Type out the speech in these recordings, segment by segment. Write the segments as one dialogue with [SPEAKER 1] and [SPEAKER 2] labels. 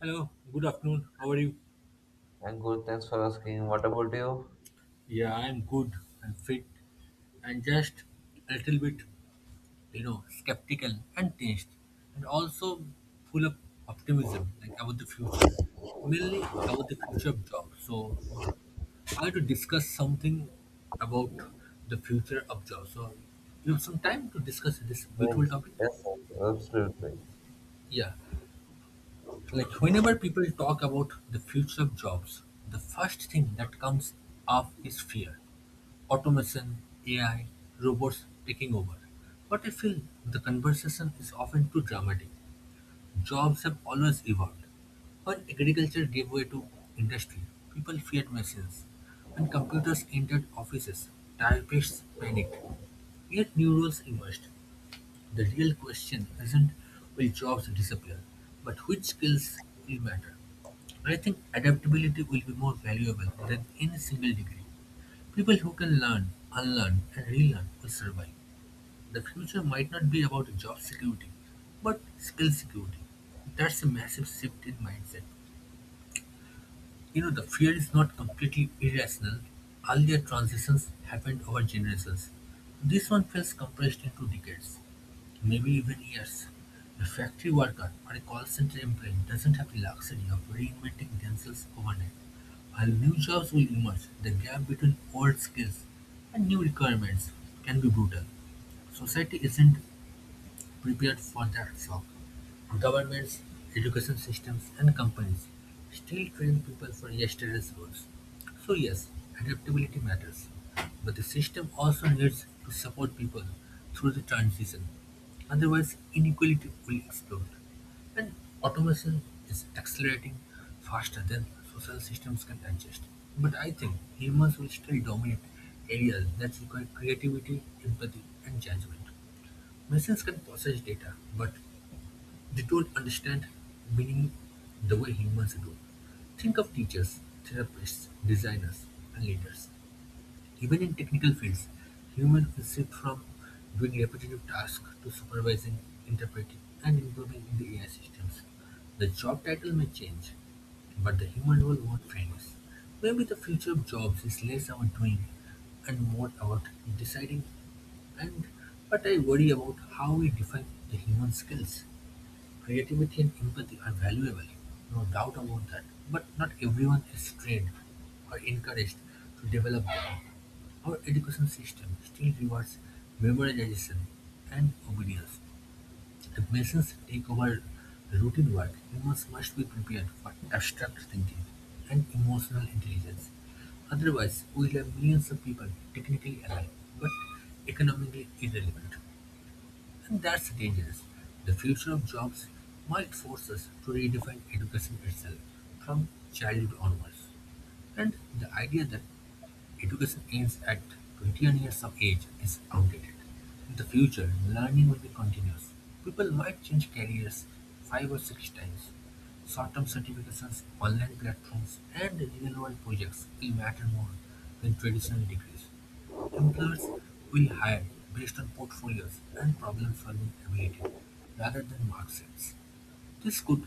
[SPEAKER 1] Hello, good afternoon. How are you?
[SPEAKER 2] I'm good, thanks for asking. What about you?
[SPEAKER 1] Yeah, I'm good. I'm fit and just a little bit, you know, skeptical and tense, and also full of optimism, like about the future, mainly about the future of job. So, I want to discuss something about the future of job. So, you have some time to discuss this beautiful
[SPEAKER 2] Yes,
[SPEAKER 1] topic?
[SPEAKER 2] yes, absolutely.
[SPEAKER 1] Yeah. Like whenever people talk about the future of jobs, the first thing that comes up is fear. Automation, AI, robots taking over. But I feel the conversation is often too dramatic. Jobs have always evolved. When agriculture gave way to industry, people feared machines. When computers entered offices, typists panicked. Yet new roles emerged. The real question isn't will jobs disappear, but which skills will matter. I think adaptability will be more valuable than any single degree. People who can learn, unlearn, and relearn will survive. The future might not be about job security, but skill security. That's a massive shift in mindset. You know, the fear is not completely irrational. Earlier transitions happened over generations. This one feels compressed into decades, maybe even years. A factory worker or a call center employee doesn't have the luxury of reinventing themselves overnight. While new jobs will emerge, the gap between old skills and new requirements can be brutal. Society isn't prepared for that shock. Governments, education systems, and companies still train people for yesterday's rules. So, yes, adaptability matters, but the system also needs to support people through the transition. Otherwise, inequality will explode. And automation is accelerating faster than social systems can adjust. But I think humans will still dominate areas that require creativity, empathy, and judgment. Machines can process data, but they don't understand meaning the way humans do. Think of teachers, therapists, designers, and leaders. Even in technical fields, humans will shift from doing repetitive tasks to supervising, interpreting, and improving in the AI systems. The job title may change, but the human role won't vanish. Maybe the future of jobs is less about doing and more about deciding. And but I worry about how we define the human skills. Creativity and empathy are valuable, no doubt about that, but not everyone is trained or encouraged to develop them. Our education system still rewards memorization and obedience. If machines take over routine work, humans must be prepared for abstract thinking and emotional intelligence. Otherwise, we'll have millions of people technically alive but economically irrelevant. When that changes, the future of jobs might force us to redefine education itself from childhood onwards. And the idea that education ends at 21 years of age is outdated. In the future, learning will be continuous. People might change careers five or six times. Short-term certifications, online platforms, and real-world projects will matter more than traditional degrees. Employers will hire based on portfolios and problem-solving ability rather than mark sheets. This could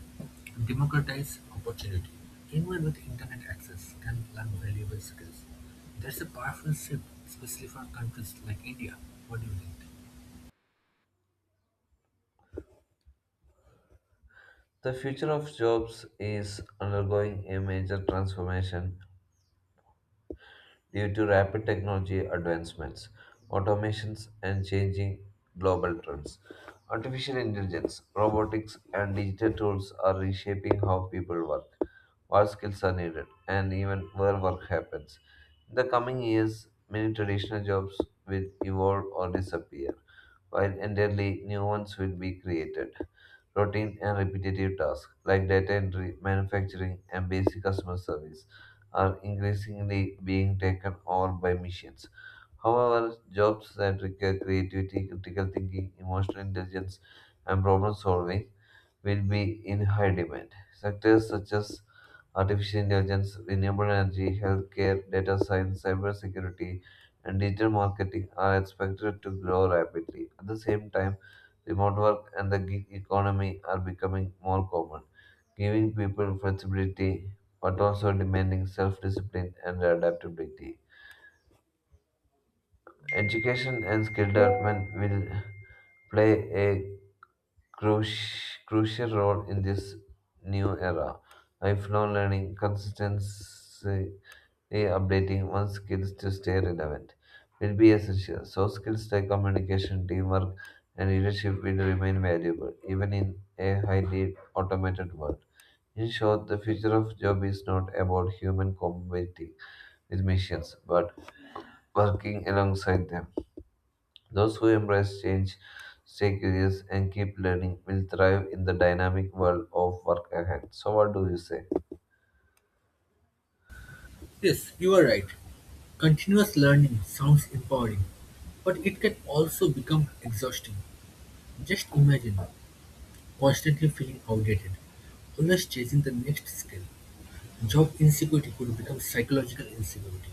[SPEAKER 1] democratize opportunity; anyone with internet access can learn valuable skills. That's a powerful shift, especially for countries like India. What do you think?
[SPEAKER 2] The future of jobs is undergoing a major transformation due to rapid technology advancements, automations, and changing global trends. Artificial intelligence, robotics, and digital tools are reshaping how people work, what skills are needed, and even where work happens. In the coming years, many traditional jobs will evolve or disappear, while entirely new ones will be created. Routine and repetitive tasks like data entry, manufacturing, and basic customer service are increasingly being taken over by machines. However, jobs that require creativity, critical thinking, emotional intelligence, and problem solving will be in high demand. Sectors such as artificial intelligence, renewable energy, healthcare, data science, cybersecurity, and digital marketing are expected to grow rapidly. At the same time, remote work and the gig economy are becoming more common, giving people flexibility but also demanding self discipline and adaptability. Education and skill development will play a crucial role in this new era. Lifelong learning, consistency updating one's skills to stay relevant will be essential. So, skills like communication, teamwork, and leadership will remain valuable even in a highly automated world. In short, the future of job is not about human competing with machines, but working alongside them. Those who embrace change, stay curious, and keep learning will thrive in the dynamic world of work ahead. So, what do you say?
[SPEAKER 1] Yes, you are right. Continuous learning sounds empowering, but it can also become exhausting. Just imagine constantly feeling outdated, always chasing the next skill. Job insecurity could become psychological insecurity.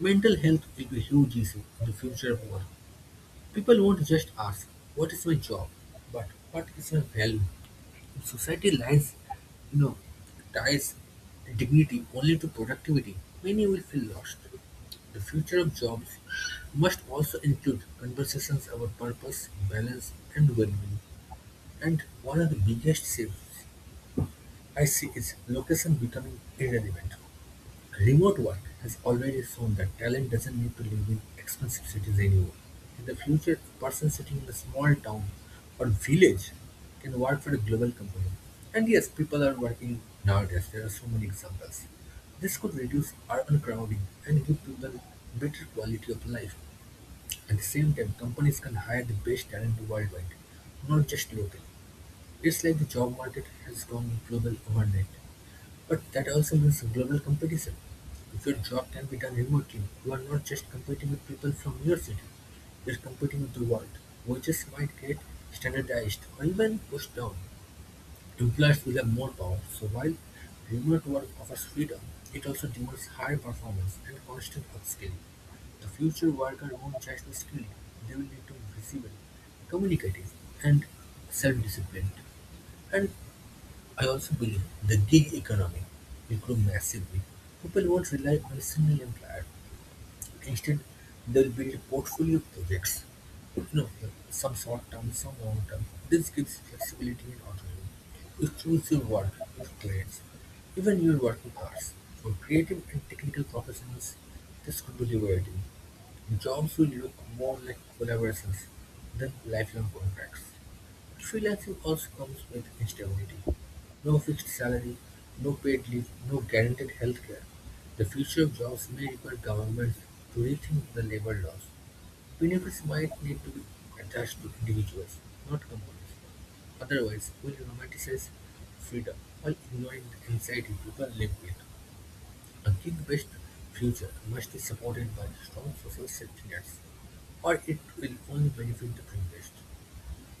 [SPEAKER 1] Mental health will be a huge issue in the future of work. People won't just ask, what is my job? But what is my value? If society lines, you know, ties dignity only to productivity, many will feel lost. The future of jobs must also include conversations about purpose, balance, and well-being. And one of the biggest shifts I see is location becoming irrelevant. Remote work has already shown that talent doesn't need to live in expensive cities anymore. In the future, a person sitting in a small town or village can work for a global company. And yes, people are working nowadays. There are so many examples. This could reduce urban crowding and give people better quality of life. At the same time, companies can hire the best talent worldwide, not just locally. It's like the job market has gone global overnight. But that also means global competition. If your job can be done remotely, you are not just competing with people from your city, you are competing with the world. Wages might get standardized or even pushed down. Employers will have more power, so while remote work offers freedom, it also demands high performance and constant upskilling. The future worker won't just be skilled, they will need to be visible, communicative, and self disciplined. And I also believe the gig economy will grow massively. People won't rely on a single employer. Instead, they'll build a portfolio of projects. You know, some short term, some long term. This gives flexibility and autonomy. You choose your work, your clients, even your working hours. For creative and technical professionals, this could be liberating. Jobs will look more like collaborations than lifelong contracts. Freelancing also comes with instability: no fixed salary, no paid leave, no guaranteed healthcare. The future of jobs may require governments to rethink the labor laws. Benefits might need to be attached to individuals, not companies. Otherwise, we'll romanticize freedom while ignoring the anxiety people live with. A gig-based future must be supported by strong social safety nets, or it will only benefit the privileged.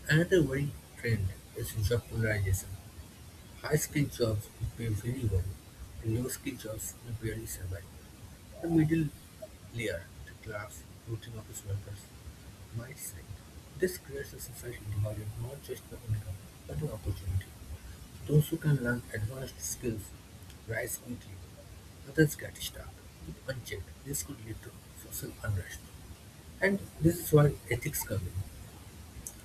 [SPEAKER 1] Another worrying trend is job polarization. High skilled jobs pay very well, and low skilled jobs may barely survive. The middle layer, the class, routine office workers, might side. This creates a society divided not just by income, but by opportunity. Those who can learn advanced skills rise quickly. Others get stuck. If unchecked, this could lead to social unrest. And this is where ethics come in.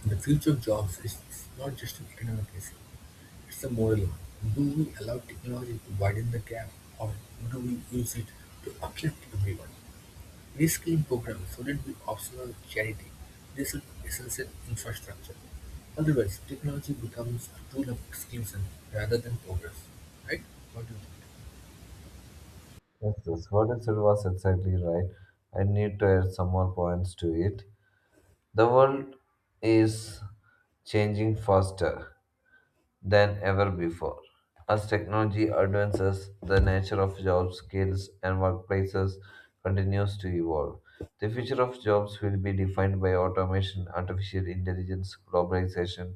[SPEAKER 1] The future of jobs is not just an economic issue, it's a moral one. Do we allow technology to widen the gap or do we use it to uplift everyone? Reskilling programs shouldn't be optional charity. They should be essential infrastructure. Otherwise, technology becomes a tool of exclusion rather than progress. Right? What do you think?
[SPEAKER 2] Yes, yes, what you said was exactly right. I need to add some more points to it. The world is changing faster than ever before. As technology advances, the nature of jobs, skills, and workplaces continues to evolve. The future of jobs will be defined by automation, artificial intelligence, globalization,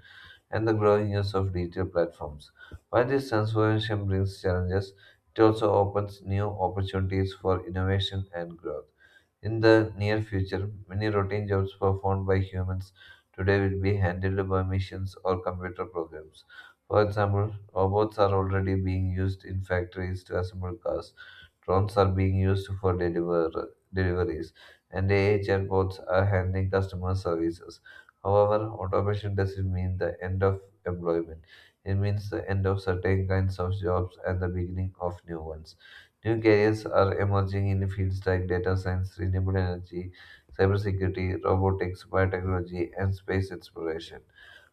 [SPEAKER 2] and the growing use of digital platforms. While this transformation brings challenges, it also opens new opportunities for innovation and growth. In the near future, many routine jobs performed by humans today will be handled by machines or computer programs. For example, robots are already being used in factories to assemble cars, drones are being used for deliveries, and AI chatbots are handling customer services. However, automation doesn't mean the end of employment. It means the end of certain kinds of jobs and the beginning of new ones. New careers are emerging in fields like data science, renewable energy, cybersecurity, robotics, biotechnology, and space exploration.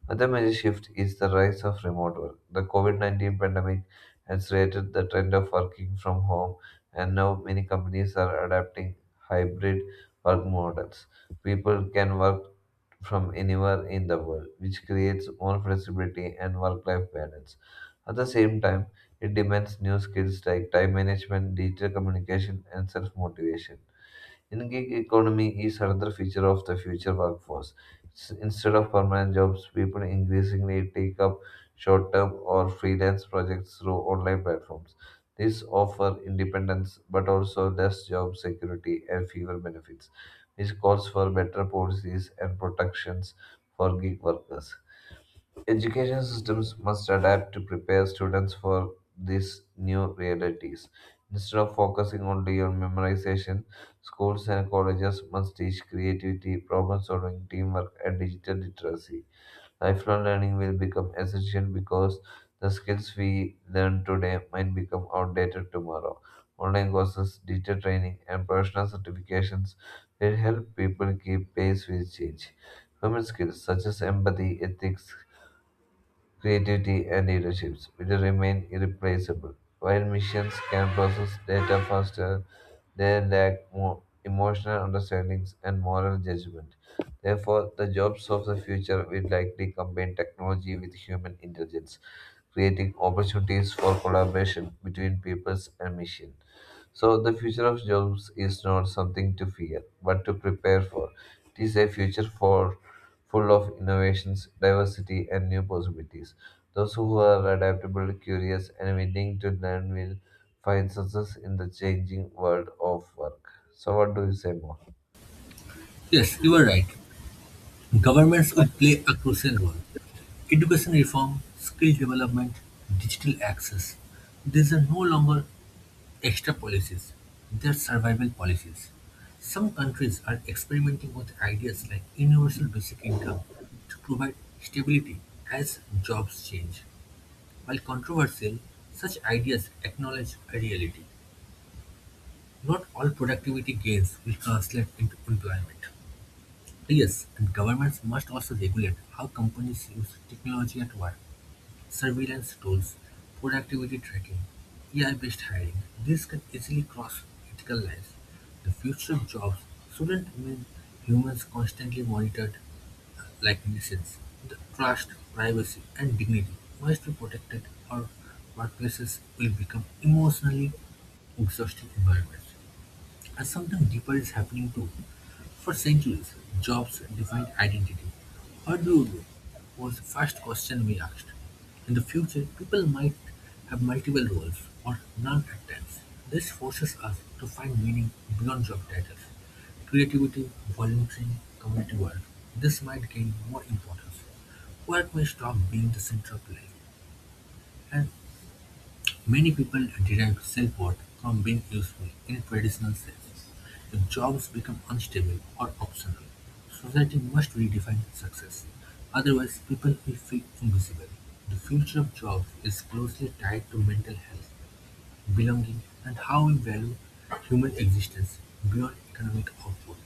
[SPEAKER 2] Another major shift is the rise of remote work. The COVID-19 pandemic has created the trend of working from home, and now many companies are adapting hybrid work models. People can work from anywhere in the world, which creates more flexibility and work life balance. At the same time, it demands new skills like time management, digital communication, and self motivation. In gig economy is another feature of the future workforce. Instead of permanent jobs, people increasingly take up short-term or freelance projects through online platforms. This offer independence but also less job security and fewer benefits, which calls for better policies and protections for gig workers. Education systems must adapt to prepare students for these new realities. Instead of focusing only on memorization, schools and colleges must teach creativity, problem solving, teamwork, and digital literacy. Lifelong learning will become essential because the skills we learn today might become outdated tomorrow. Online courses, digital training, and professional certifications will help people keep pace with change. Human skills such as empathy, ethics, creativity, and leaderships will remain irreplaceable. While machines can process data faster, they lack more emotional understandings and moral judgment. Therefore, the jobs of the future will likely combine technology with human intelligence, creating opportunities for collaboration between peoples and machines. So, the future of jobs is not something to fear, but to prepare for. It is a future for full of innovations, diversity, and new possibilities. Those who are adaptable, curious, and willing to learn will find success in the changing world of work. So, what do you say more?
[SPEAKER 1] Yes, you are right. Governments will play a crucial role. Education reform, skill development, digital access. These are no longer extra policies. Their survival policies. Some countries are experimenting with ideas like universal basic income to provide stability as jobs change. While controversial, such ideas acknowledge a reality. Not all productivity gains will translate into employment. Yes, and governments must also regulate how companies use technology at work surveillance tools, productivity tracking, AI-based hiring. These can easily cross ethical lines. The future of jobs shouldn't mean humans constantly monitored like machines. The trust, privacy, and dignity must be protected or workplaces will become emotionally exhausting environments. And something deeper is happening too. For centuries, jobs defined identity. What do you do? Was the first question we asked. In the future, people might have multiple roles or none at times. This forces us to find meaning beyond job titles. Creativity, volunteering, community work. This might gain more importance. Work may stop being the center of life and Many people derive self-worth from being useful in a traditional sense. If jobs become unstable or optional, society must redefine success. Otherwise, people will feel invisible. The future of jobs is closely tied to mental health, belonging, and how we value human existence beyond economic output.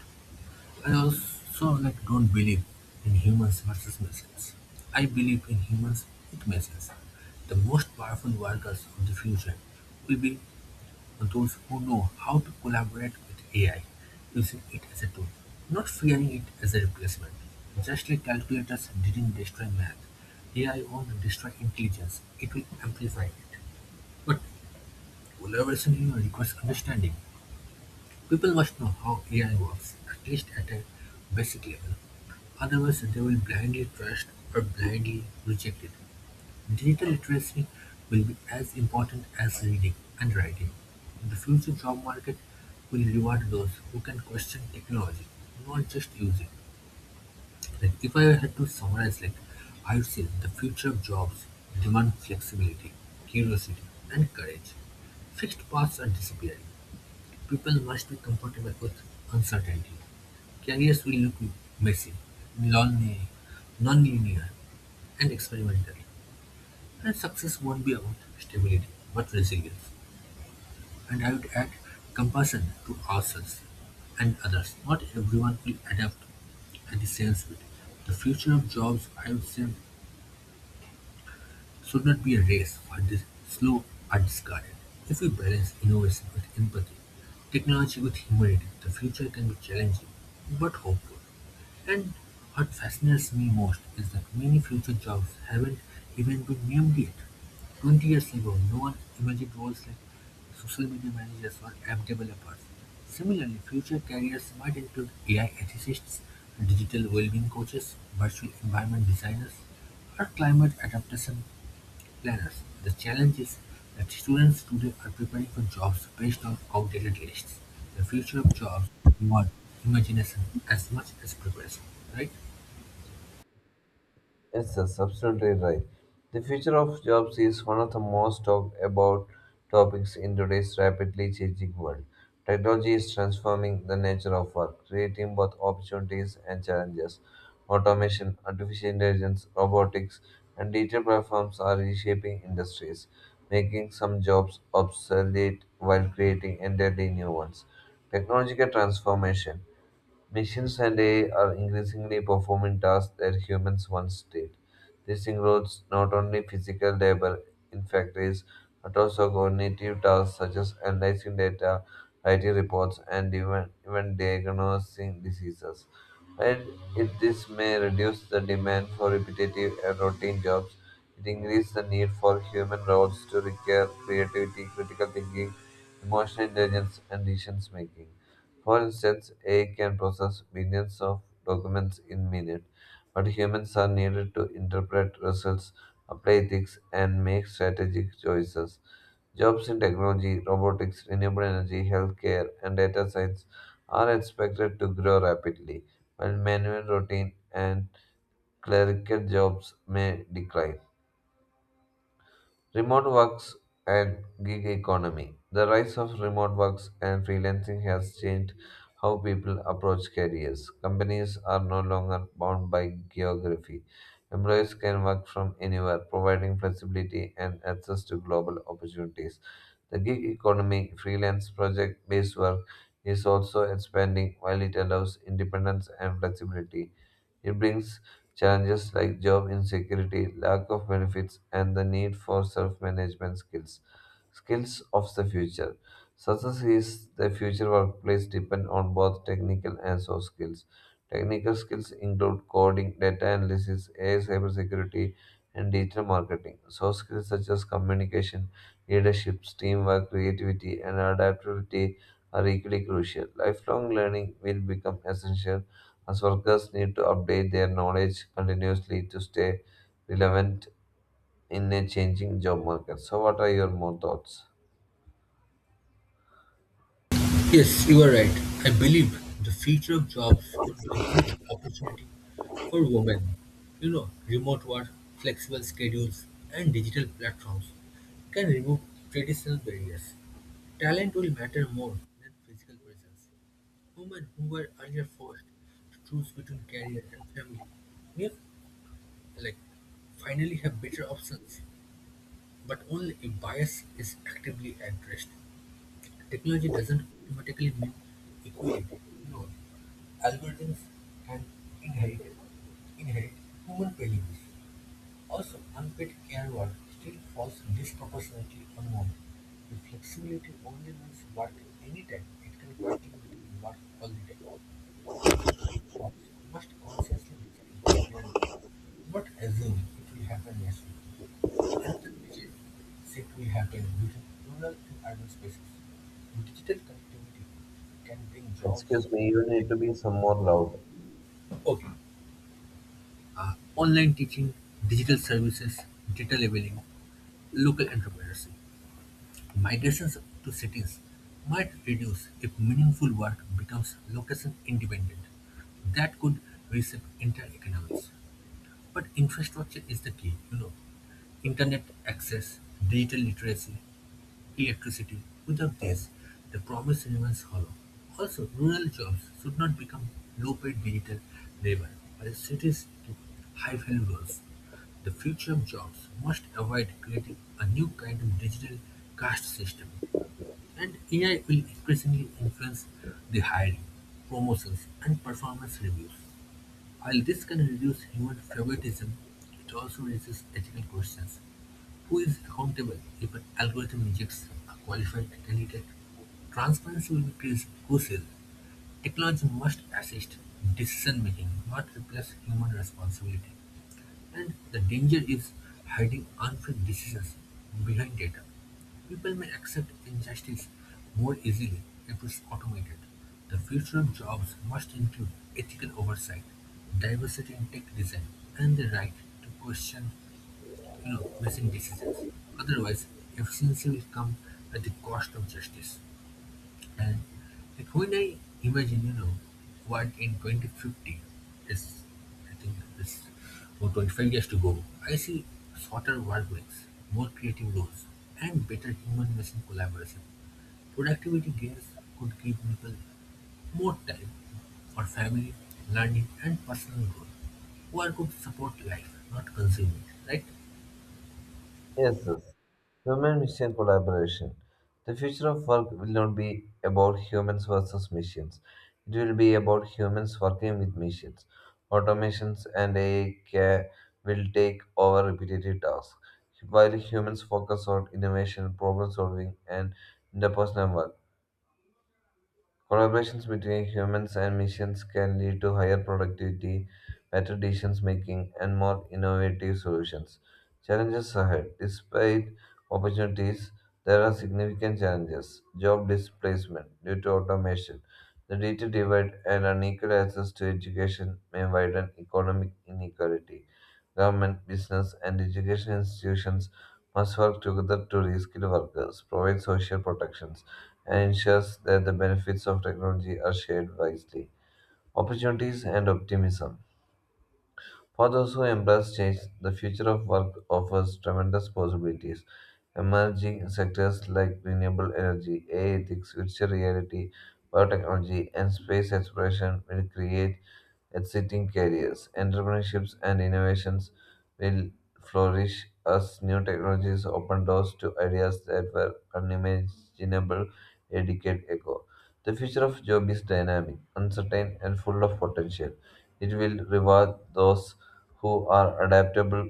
[SPEAKER 1] I also like don't believe in humans versus machines. I believe in humans with machines. The most powerful workers of the future will be those who know how to collaborate with AI using it as a tool, not fearing it as a replacement. Just like calculators didn't destroy math, AI won't destroy intelligence. It will amplify it. But collaboration requires understanding. People must know how AI works, at least at a basic level. Otherwise, they will blindly trust or blindly reject it. Digital literacy will be as important as reading and writing. The future job market will reward those who can question technology, not just use it. Like if I had to summarize, like I would say the future of jobs demand flexibility, curiosity, and courage. Fixed paths are disappearing. People must be comfortable with uncertainty. Careers will look messy, lonely, non-linear, and experimental. And success won't be about stability, but resilience. And I would add compassion to ourselves and others. Not everyone will adapt at the same speed. The future of jobs, I would say, should not be a race where the slow are discarded. If we balance innovation with empathy, technology with humanity, the future can be challenging but hopeful. And what fascinates me most is that many future jobs haven't even been named yet. 20 years ago, no one imagined roles like social media managers or app developers. Similarly, future careers might include AI ethicists, digital well-being coaches, virtual environment designers, or climate adaptation planners, the challenge is that students today are preparing for jobs based on outdated lists. The future of jobs demands imagination as much as preparation, right?
[SPEAKER 2] Yes, that's absolutely right. The future of jobs is one of the most talked about topics in today's rapidly changing world. Technology is transforming the nature of work, creating both opportunities and challenges. Automation, artificial intelligence, robotics, and digital platforms are reshaping industries, making some jobs obsolete while creating entirely new ones. Technological transformation. Machines and AI are increasingly performing tasks that humans once did. This includes not only physical labor in factories, but also cognitive tasks such as analyzing data, writing reports, and even diagnosing diseases. While this may reduce the demand for repetitive and routine jobs, it increases the need for human roles to require creativity, critical thinking, emotional intelligence, and decision making. For instance, AI can process billions of documents in minutes, but humans are needed to interpret results, apply ethics, and make strategic choices. Jobs in technology, robotics, renewable energy, healthcare, and data science are expected to grow rapidly, while manual routine and clerical jobs may decline. Remote works and gig economy. The rise of remote works and freelancing has changed how people approach careers. Companies are no longer bound by geography. Employees can work from anywhere, providing flexibility and access to global opportunities. The gig economy, freelance project based work, is also expanding while it allows independence and flexibility. It brings challenges like job insecurity, lack of benefits, and the need for self management skills. Skills of the future. Success is the future workplace depend on both technical and soft skills. Technical skills include coding, data analysis, AI cybersecurity, and digital marketing. Soft skills such as communication, leadership, teamwork, creativity, and adaptability are equally crucial. Lifelong learning will become essential as workers need to update their knowledge continuously to stay relevant in a changing job market. So, what are your more thoughts?
[SPEAKER 1] Yes, you are right. I believe the future of jobs could be a huge opportunity for women. You know, remote work, flexible schedules, and digital platforms can remove traditional barriers. Talent will matter more than physical presence. Women who were earlier forced to choose between career and family may like finally have better options, but only if bias is actively addressed. Technology doesn't automatically mean equality. No, algorithms and inherited inherit human values. Also, unpaid care work still falls disproportionately on women. If flexibility only means work anytime, it can quietly mean work all the time. The future must consciously be friendly, not assume it will happen naturally, and believe it will happen within rural and urban spaces. Digital connectivity can bring jobs.
[SPEAKER 2] Excuse me, you need to be some more loud.
[SPEAKER 1] Okay. Online teaching, digital services, data labeling, local entrepreneurship, migrations to cities might reduce if meaningful work becomes location independent. That could reshape entire economies. But infrastructure is the key, you know. Internet access, digital literacy, electricity. Without this, the promise remains hollow. Also, rural jobs should not become low-paid digital labor, while cities keep high-value roles. The future of jobs must avoid creating a new kind of digital caste system. And AI will increasingly influence the hiring, promotions, and performance reviews. While this can reduce human favoritism, it also raises ethical questions. Who is accountable if an algorithm rejects a qualified candidate? Transparency will be crucial. Technology must assist decision making, not replace human responsibility. And the danger is hiding unfair decisions behind data. People may accept injustice more easily if it's automated. The future of jobs must include ethical oversight, diversity in tech design, and the right to question, missing decisions. Otherwise, efficiency will come at the cost of justice. And like when I imagine, you know, what in 2050 is, I think this about 25 years to go, I see shorter work weeks, more creative roles, and better human machine collaboration. Productivity gains could give people more time for family, learning, and personal growth. Work could support life, not consume it, right?
[SPEAKER 2] Yes, yes. Human machine collaboration. The future of work will not be about humans versus machines. It will be about humans working with machines. Automations and AI will take over repetitive tasks, while humans focus on innovation, problem solving, and interpersonal work. Collaborations between humans and machines can lead to higher productivity, better decision making, and more innovative solutions. Challenges ahead. Despite opportunities, there are significant challenges. Job displacement due to automation, the data divide, and unequal access to education may widen economic inequality. Government, business, and education institutions must work together to reskill workers, provide social protections and ensures that the benefits of technology are shared wisely. Opportunities and optimism. For those who embrace change, the future of work offers tremendous possibilities. Emerging sectors like renewable energy, AI ethics, virtual reality, biotechnology, and space exploration will create exciting careers. Entrepreneurships and innovations will flourish as new technologies open doors to ideas that were unimaginable a decade ago. The future of job is dynamic, uncertain, and full of potential. It will reward those who are adaptable,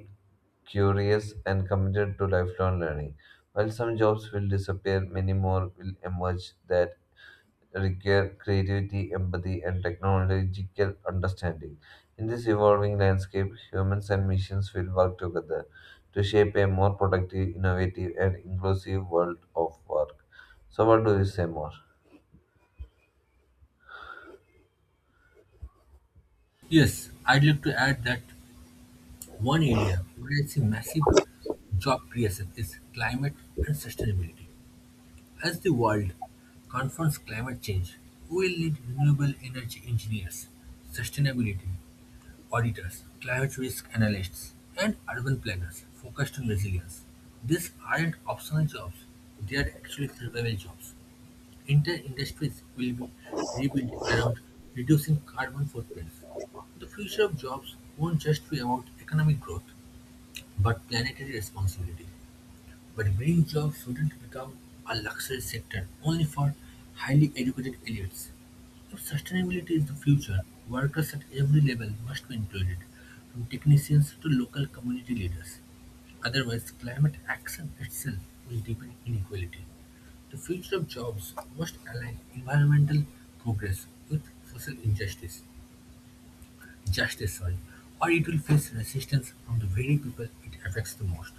[SPEAKER 2] curious, and committed to lifelong learning. While some jobs will disappear, many more will emerge that require creativity, empathy, and technological understanding. In this evolving landscape, humans and machines will work together to shape a more productive, innovative, and inclusive world of work. So, what do you say more?
[SPEAKER 1] Yes, I'd like to add that one area where I see massive job creation is climate and sustainability. As the world confronts climate change, we will need renewable energy engineers, sustainability auditors, climate risk analysts, and urban planners focused on resilience. These aren't optional jobs, they are actually survival jobs. Entire industries will be rebuilt around reducing carbon footprints. The future of jobs won't just be about economic growth, but planetary responsibility. But green jobs shouldn't become a luxury sector only for highly educated elites. If sustainability is the future, workers at every level must be included, from technicians to local community leaders. Otherwise, climate action itself will deepen inequality. The future of jobs must align environmental progress with social injustice, justice, sorry, or it will face resistance from the very people it affects the most.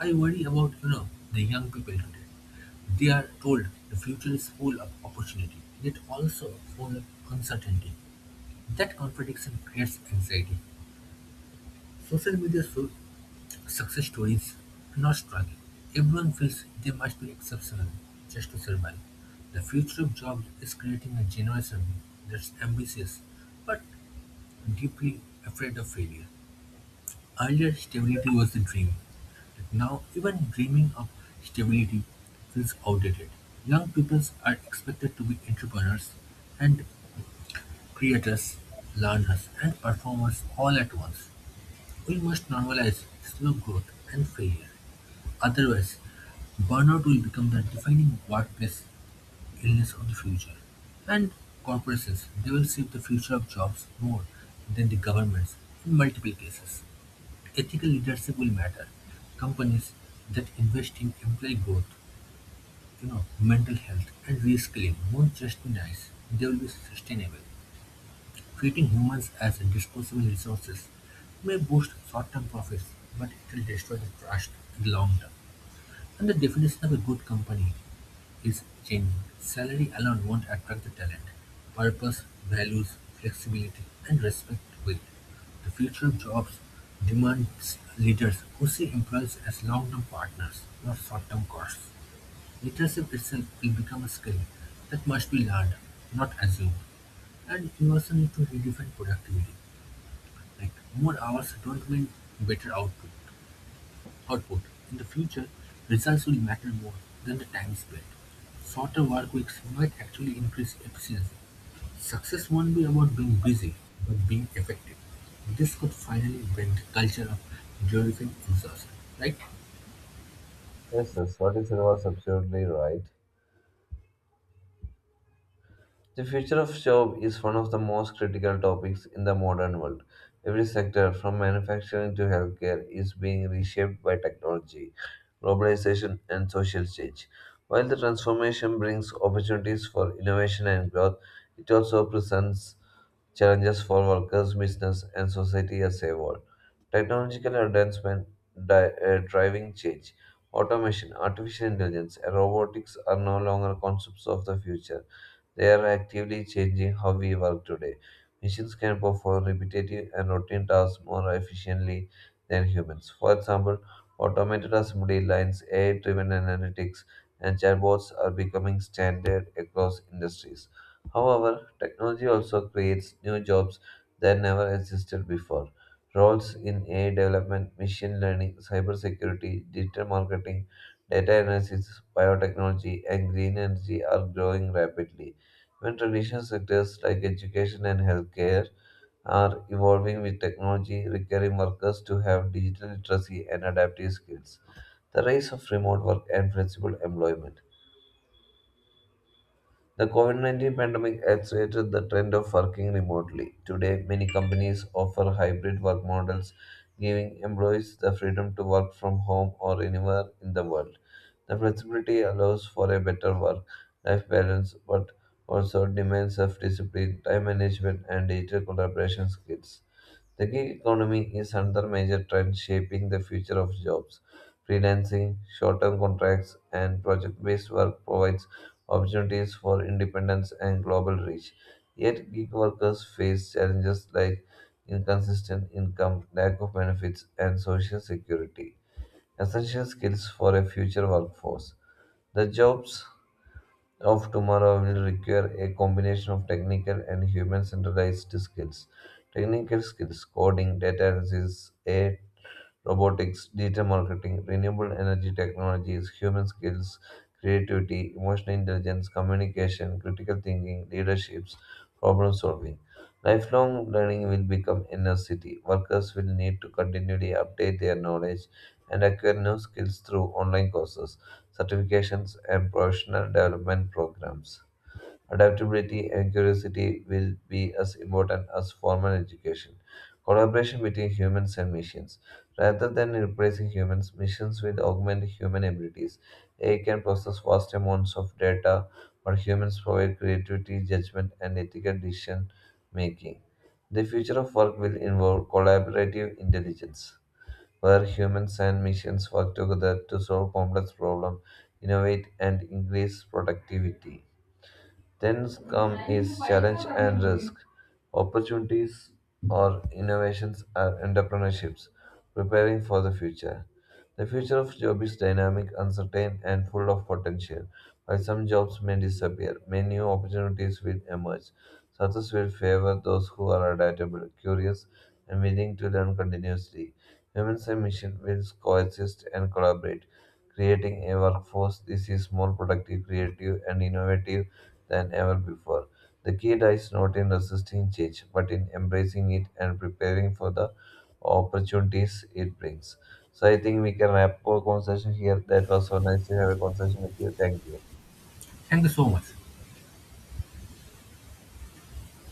[SPEAKER 1] I worry about, you know, the young people today. They are told the future is full of opportunity, yet also full of uncertainty. That contradiction creates anxiety. Social media shows success stories, not struggle. Everyone feels they must be exceptional just to survive. The future of jobs is creating a generation that's ambitious but deeply afraid of failure. Earlier, stability was the dream. Now even dreaming of stability feels outdated. Young people are expected to be entrepreneurs and creators, learners and performers all at once. We must normalize slow growth and failure. Otherwise, burnout will become the defining workplace illness of the future. And corporations, they will shape the future of jobs more than the governments in multiple cases. Ethical leadership will matter. Companies that invest in employee growth, you know, mental health and reskilling won't just be nice, they will be sustainable. Treating humans as disposable resources may boost short-term profits, but it will destroy the trust in the long term. And the definition of a good company is changing. Salary alone won't attract the talent. Purpose, values, flexibility, and respect will. The future of jobs demands leaders who see employees as long-term partners, not short-term costs. Leadership itself will become a skill that must be learned, not assumed. And you also need to redefine productivity. Like more hours don't mean better output. Output: in the future, results will matter more than the time spent. Shorter workweeks might actually increase efficiency. Success won't be about being busy, but being effective. This could finally break the culture of glorifying exhaustion. Right?
[SPEAKER 2] Yes, yes, what you said was absolutely right. The future of job is one of the most critical topics in the modern world. Every sector, from manufacturing to healthcare, is being reshaped by technology, globalization, and social change. While the transformation brings opportunities for innovation and growth, it also presents challenges for workers, business, and society as a whole. Technological advancement driving change. Automation, artificial intelligence, and robotics are no longer concepts of the future, they are actively changing how we work today. Machines can perform repetitive and routine tasks more efficiently than humans. For example, automated assembly lines, AI driven analytics, and chatbots are becoming standard across industries. However, technology also creates new jobs that never existed before. Roles in AI development, machine learning, cybersecurity, digital marketing, data analysis, biotechnology, and green energy are growing rapidly. When traditional sectors like education and healthcare are evolving with technology, requiring workers to have digital literacy and adaptive skills. The rise of remote work and flexible employment. The COVID 19 pandemic accelerated the trend of working remotely. Today, many companies offer hybrid work models, giving employees the freedom to work from home or anywhere in the world. The flexibility allows for a better work life balance but also demands self discipline, time management, and digital collaboration skills. The gig economy is another major trend shaping the future of jobs. Freelancing, short term contracts, and project based work provides opportunities for independence and global reach. Yet, gig workers face challenges like inconsistent income, lack of benefits, and social security, essential skills for a future workforce. The jobs of tomorrow will require a combination of technical and human centralized skills. Technical skills, coding, data analysis, AI robotics, data marketing, renewable energy technologies, human skills, creativity, emotional intelligence, communication, critical thinking, leaderships, problem solving. Lifelong learning will become a necessity. Workers will need to continually update their knowledge and acquire new skills through online courses, certifications, and professional development programs. Adaptability and curiosity will be as important as formal education. Collaboration between humans and machines. Rather than replacing humans, machines will augment human abilities. AI can process vast amounts of data, while humans provide creativity, judgment, and ethical decision making. The future of work will involve collaborative intelligence, where humans and machines work together to solve complex problems, innovate, and increase productivity. Then come is challenge and risk. Opportunities or innovations are entrepreneurships, preparing for the future. The future of job is dynamic, uncertain, and full of potential. While some jobs may disappear, many new opportunities will emerge. Success will favor those who are adaptable, curious, and willing to learn continuously. Humans and machines will coexist and collaborate, creating a workforce. This is more productive, creative, and innovative than ever before. The key lies not in resisting change, but in embracing it and preparing for the opportunities it brings. So I think we can wrap our conversation here. That was so nice to have a conversation with you. Thank you.
[SPEAKER 1] Thank you so much.